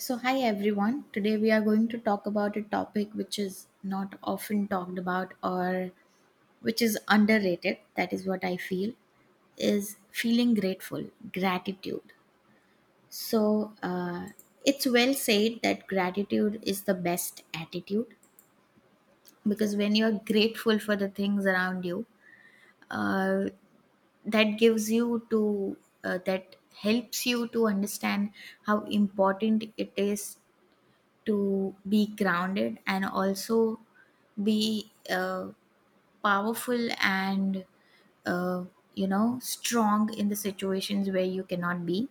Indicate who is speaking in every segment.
Speaker 1: So, hi everyone. Today we are going to talk about a topic which is not often talked about or which is underrated. That is what I feel is feeling grateful, gratitude. So, uh, it's well said that gratitude is the best attitude because when you're grateful for the things around you, uh, that gives you to that helps you to understand how important it is to be grounded and also be powerful and uh, you know strong in the situations where you cannot be.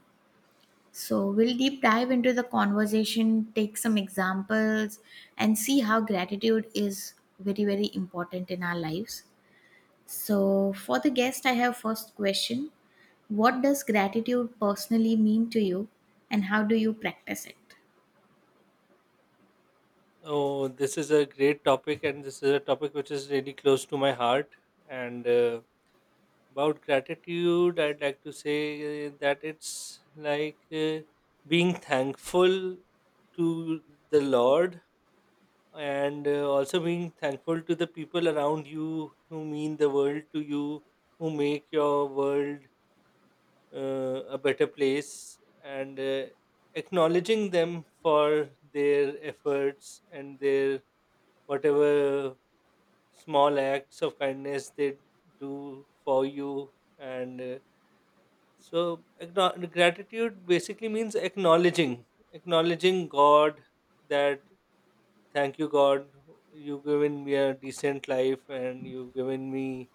Speaker 1: So we'll deep dive into the conversation, take some examples, and see how gratitude is very very important in our lives. So for the guest I have first question: what does gratitude personally mean to you, and how do you practice it?
Speaker 2: Oh, this is a great topic, and this is a topic which is really close to my heart. And about gratitude, I'd like to say that it's like being thankful to the Lord, and also being thankful to the people around you who mean the world to you, who make your world a better place, and acknowledging them for their efforts and their whatever small acts of kindness they do for you and so gratitude basically means acknowledging god, that thank you god, you've given me a decent life and you've given me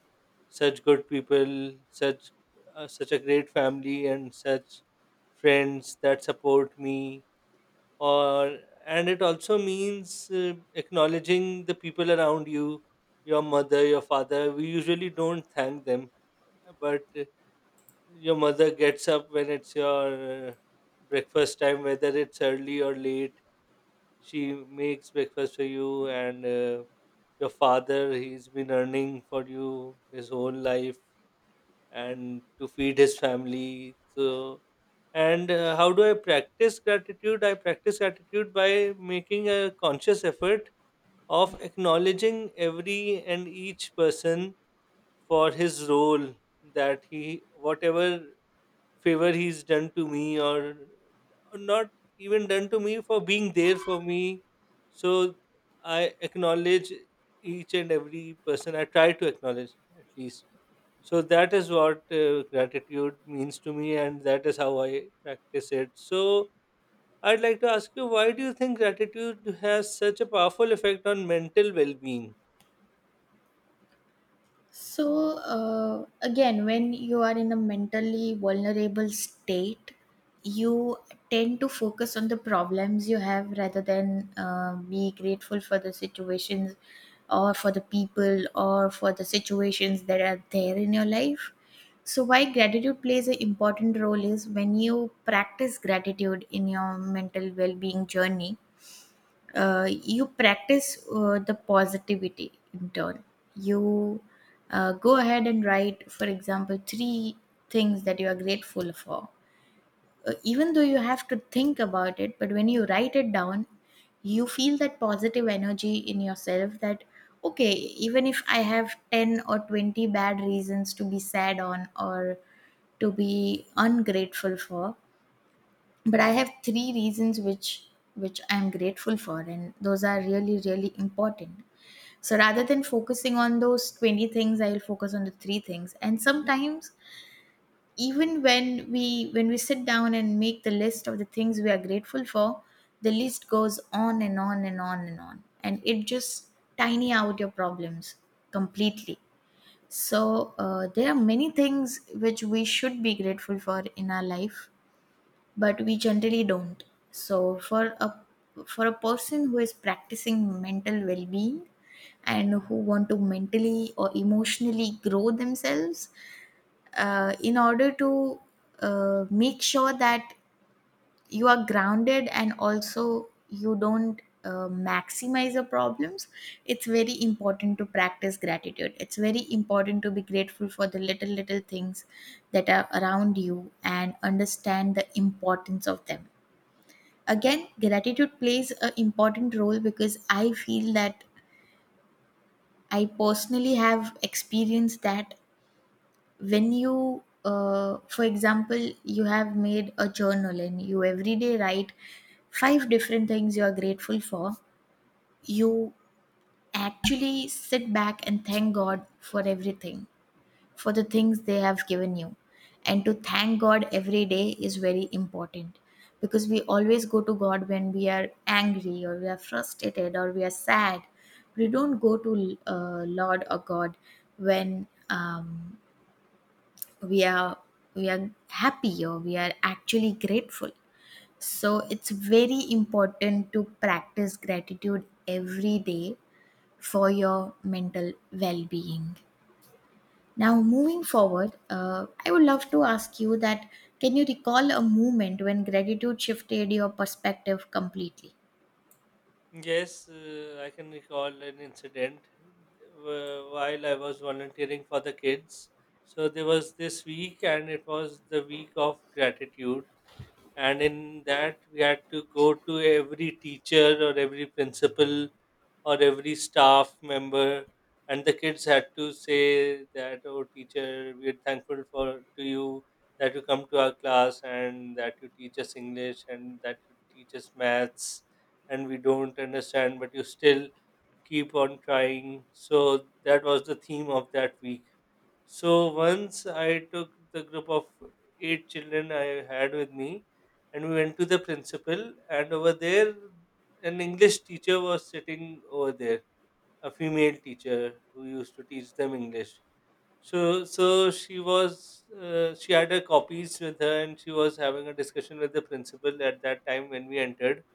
Speaker 2: such good people, such such a great family and such friends that support me, or, and it also means acknowledging the people around you. Your mother, your father, we usually don't thank them, but your mother gets up when it's your uh, breakfast time, whether it's early or late. She makes breakfast for you, and your father, he's been earning for you his whole life and to feed his family. So, and how do I practice gratitude? I practice gratitude by making a conscious effort of acknowledging every and each person for his role, that he, whatever favor he's done to me, or not even done to me, for being there for me. So, I acknowledge each and every person. I try to acknowledge at least. So that is what gratitude means to me, and that is how I practice it. So I'd like to ask you, why do you think gratitude has such a powerful effect on mental well being?
Speaker 1: Again, when you are in a mentally vulnerable state, you tend to focus on the problems you have rather than be grateful for the situations or for the people or for the situations that are there in your life. So, why gratitude plays an important role is when you practice gratitude in your mental well being journey, you practice the positivity in turn. You go ahead and write, for example, three things that you are grateful for. Even though you have to think about it, but when you write it down, you feel that positive energy in yourself that, okay, even if I have 10 or 20 bad reasons to be sad on or to be ungrateful for, but I have three reasons which I'm grateful for, and those are really really important. So rather than focusing on those 20 things, I'll focus on the three things. And sometimes, even when we sit down and make the list of the things we are grateful for, the list goes on and on and on and on, and it just tiny out your problems completely. So there are many things which we should be grateful for in our life, but we generally don't. So for a person who is practicing mental well-being and who want to mentally or emotionally grow themselves, in order to make sure that you are grounded and also you don't maximize your problems, it's very important to practice gratitude. It's very important to be grateful for the little little things that are around you and understand the importance of them. Again, gratitude plays an important role because I feel that, I personally have experienced that, when you, for example, you have made a journal and you every day write five different things you are grateful for, you actually sit back and thank God for everything, for the things they have given you. And to thank God every day is very important, because we always go to God when we are angry or we are frustrated or we are sad. We don't go to Lord or God when we are we are happy or we are actually grateful. So it's very important to practice gratitude every day for your mental well being. Now, moving forward, I would love to ask you that, can you recall a moment when gratitude shifted your perspective completely?
Speaker 2: Yes, I can recall an incident while I was volunteering for the kids. So there was this week, and it was the week of gratitude. And in that, we had to go to every teacher or every principal or every staff member, and the kids had to say that, oh teacher, we're thankful for, to you, that you come to our class and that you teach us english and that you teach us maths and we don't understand but you still keep on trying. So that was the theme of that week. So once I took the group of eight children I had with me, and we went to the principal. And over there, an English teacher was sitting over there, a female teacher who used to teach them English. So, so she was, she had her copies with her, and she was having a discussion with the principal at that time when we entered.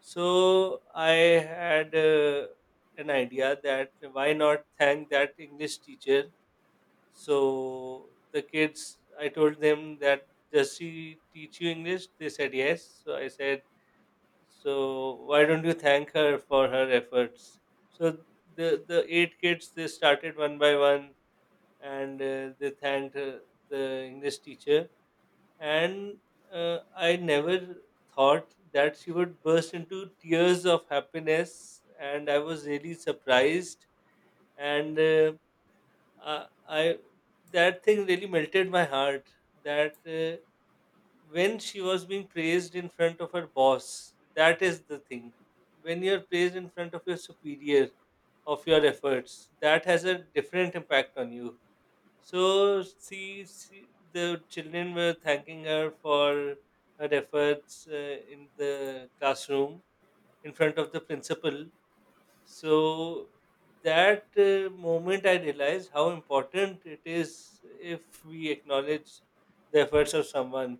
Speaker 2: So I had an idea that why not thank that English teacher. So the kids, I told them that, does she teach you English? They said yes. So I said, so why don't you thank her for her efforts? So the eight kids, they started one by one, and they thanked the English teacher. And I never thought that she would burst into tears of happiness, and I was really surprised and I, that thing really melted my heart. That when she was being praised in front of her boss, that is the thing. When you're praised in front of your superior, of your efforts, that has a different impact on you. So see the children were thanking her for her efforts in the classroom, in front of the principal. So that moment I realized how important it is if we acknowledge the efforts of someone.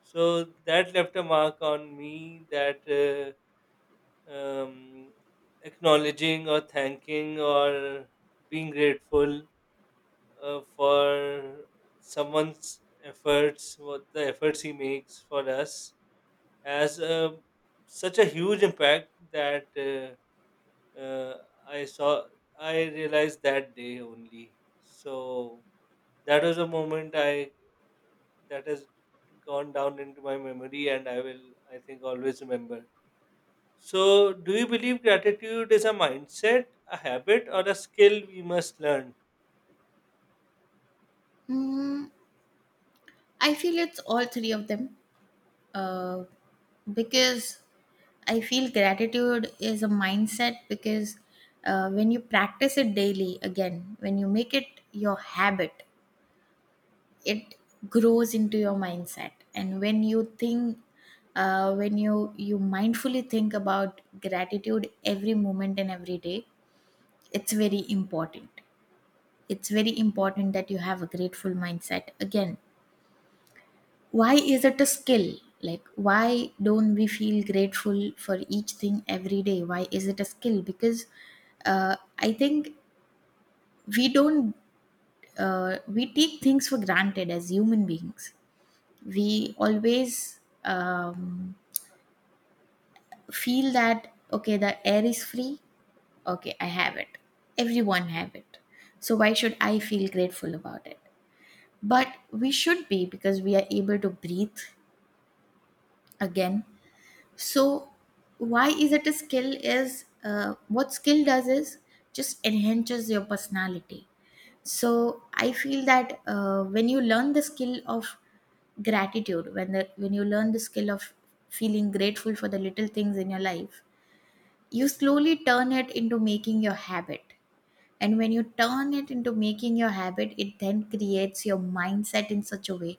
Speaker 2: So that left a mark on me that um, acknowledging or thanking or being grateful for someone's efforts, what the efforts he makes for us, has a, such a huge impact that. Uh, I saw, I realized that day only. So that was a moment I, that has gone down into my memory and I will, I think, always remember. So do you believe gratitude is a mindset, a habit or a skill we must learn?
Speaker 1: Mm, I feel it's all three of them, uh, because I feel gratitude is a mindset because when you practice it daily. Again, when you make it your habit, it grows into your mindset. And when you think, when you mindfully think about gratitude every moment and every day, it's very important. It's very important that you have a grateful mindset. Again, why is it a skill? Like, why don't we feel grateful for each thing every day? Why is it a skill? Because I think we don't, we take things for granted. As human beings, we always feel that, okay, the air is free, okay, I have it, everyone have it, so why should I feel grateful about it? But we should be, because we are able to breathe. Again, so why is it a skill is, what skill does is just enhances your personality. So I feel that, when you learn the skill of gratitude, when the when you learn the skill of feeling grateful for the little things in your life, you slowly turn it into making your habit. And when you turn it into making your habit, it then creates your mindset in such a way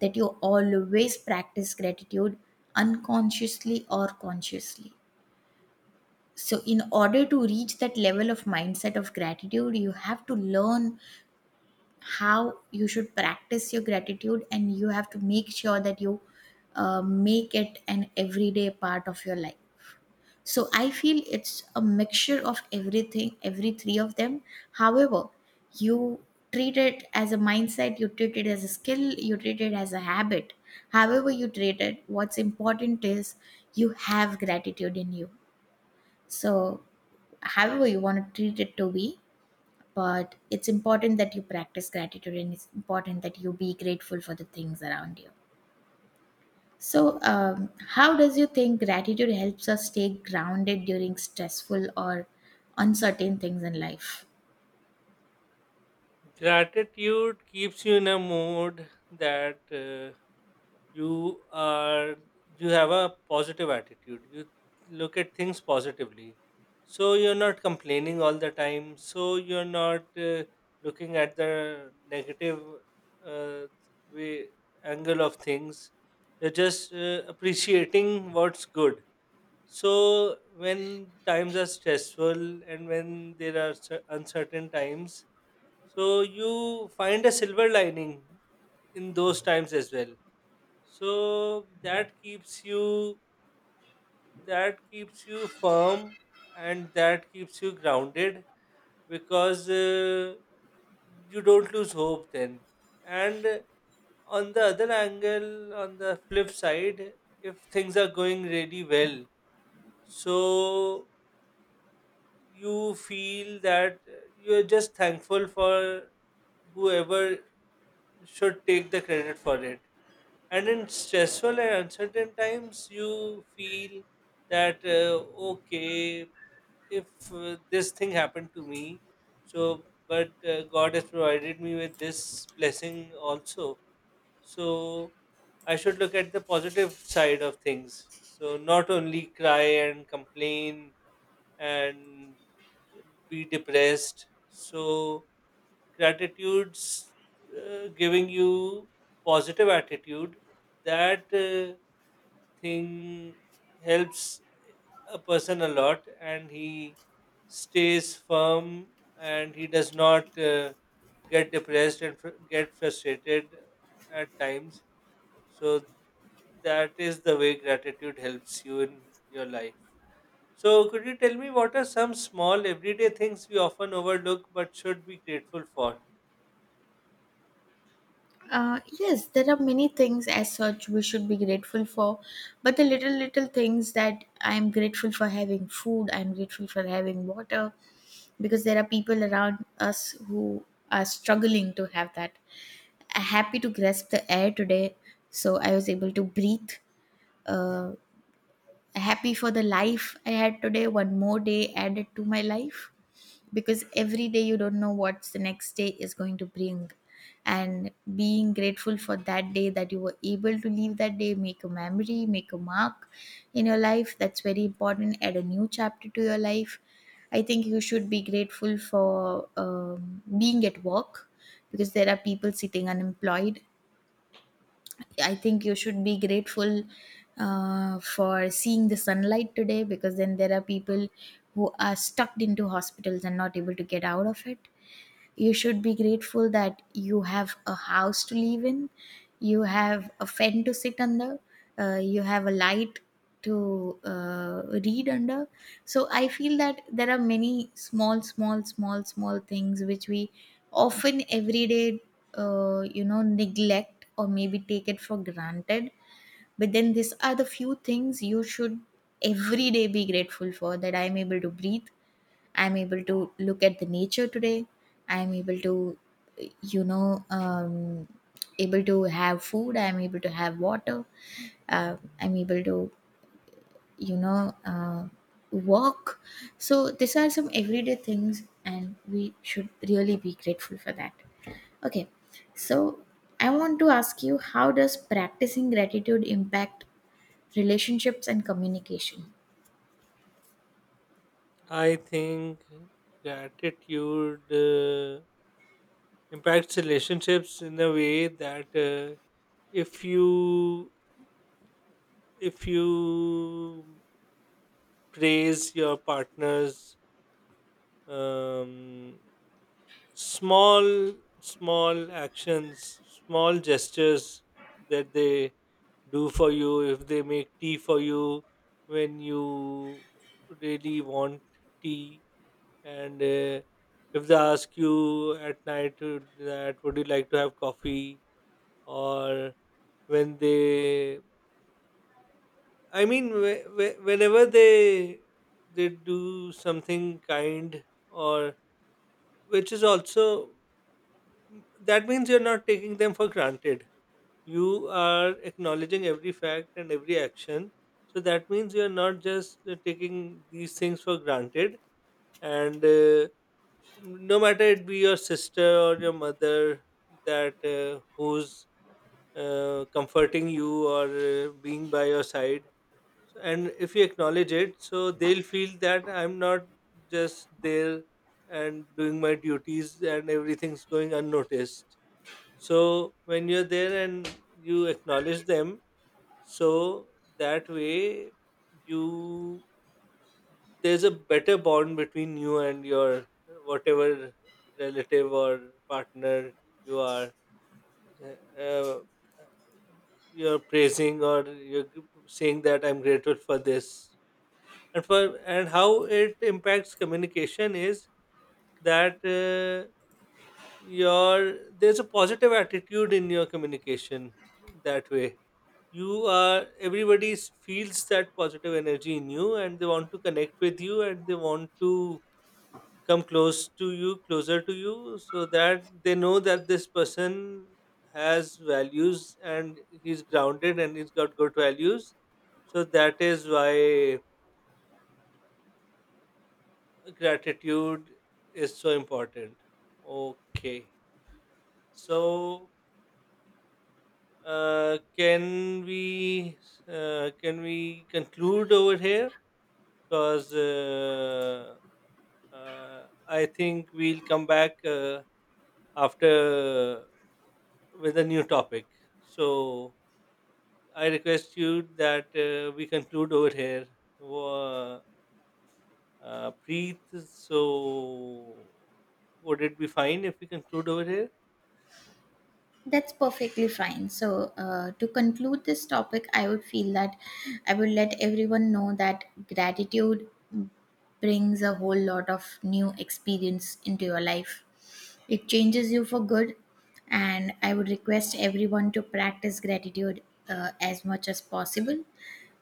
Speaker 1: that you always practice gratitude, unconsciously or consciously. So in order to reach that level of mindset of gratitude, you have to learn how you should practice your gratitude, and you have to make sure that you make it an everyday part of your life. So I feel it's a mixture of everything, every three of them. However you treat it as a mindset, you treat it as a skill, you treat it as a habit, however you treat it, what's important is you have gratitude in you. So however you want to treat it to be, but it's important that you practice gratitude, and it's important that you be grateful for the things around you. So how does you think gratitude helps us stay grounded during stressful or uncertain things in life?
Speaker 2: Gratitude keeps you in a mood that you are, you have a positive attitude, you look at things positively, so you're not complaining all the time, so you're not looking at the negative uh, way, angle of things, you're just appreciating what's good. So when times are stressful and when there are uncertain times, so you find a silver lining in those times as well. So that keeps you, that keeps you firm, and that keeps you grounded, because you don't lose hope then. And on the other angle, on the flip side, if things are going really well, so you feel that you're just thankful for whoever should take the credit for it. And in stressful and uncertain times you feel that okay, if this thing happened to me, so but god has provided me with this blessing also. So I should look at the positive side of things, so not only cry and complain and be depressed. So gratitude's giving you positive attitude, that thing helps a person a lot and he stays firm and he does not get depressed and get frustrated at times. So that is the way gratitude helps you in your life. So could you tell me what are some small everyday things we often overlook but should be grateful for?
Speaker 1: Yes, there are many things as such we should be grateful for, but the little little things that I am grateful for, having food, I am grateful for having water, because there are people around us who are struggling to have that. Happy to grasp the air today, so I was able to breathe. Uh, happy for the life I had today, one more day added to my life, because every day you don't know what the next day is going to bring. And being grateful for that day, that you were able to leave that day, make a memory, make a mark in your life, that's very important. Add a new chapter to your life. I think you should be grateful for being at work, because there are people sitting unemployed. I think you should be grateful for seeing the sunlight today, because then there are people who are stuck into hospitals and not able to get out of it. You should be grateful that you have a house to live in, you have a fan to sit under, you have a light to read under. So I feel that there are many small, small, small, small things which we often every day you know neglect or maybe take it for granted. But then these are the few things you should every day be grateful for, that I'm able to breathe, I'm able to look at the nature today, I'm able to you know um, able to have food, I'm able to have water, uh, I'm able to you know uh, walk. So these are some everyday things, and we should really be grateful for that. Okay, so I want to ask you, how does practicing gratitude impact relationships and communication?
Speaker 2: I think gratitude impacts relationships in a way that if you, if you praise your partner's um, small, small actions, small gestures that they do for you, if they make tea for you when you really want tea, and if they ask you at night that would you like to have coffee, or when they, I mean, whenever they do something kind, or which is also, that means you're not taking them for granted, you are acknowledging every fact and every action. So that means you're not just taking these things for granted. And no matter it be your sister or your mother, that who's comforting you or being by your side. So, and if you acknowledge it, so they'll feel that I'm not just there and doing my duties and everything's going unnoticed. So when you're there and you acknowledge them, so that way you, there's a better bond between you and your whatever relative or partner you are, uh, you're praising or you're saying that I'm grateful for this. And for, and how it impacts communication is that your, there's a positive attitude in your communication. That way you are, everybody feels that positive energy in you and they want to connect with you and they want to come close to you, closer to you, so that they know that this person has values and he's grounded and he's got good values. So that is why gratitude is so important. Okay, so uh, can we can we conclude over here, because uh, I think we'll come back after with a new topic. So I request you that we conclude over here. Wha- Preet, so would it be fine if we conclude over here?
Speaker 1: That's perfectly fine. So, to conclude this topic, I would feel that I would let everyone know that gratitude brings a whole lot of new experience into your life. It changes you for good, and I would request everyone to practice gratitude as much as possible.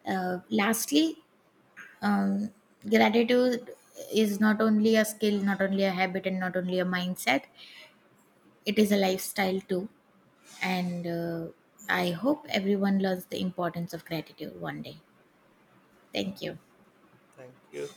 Speaker 1: Lastly, um, gratitude is not only a skill, not only a habit, and not only a mindset, it is a lifestyle too. And I hope everyone learns the importance of gratitude one day. Thank you.
Speaker 2: Thank you.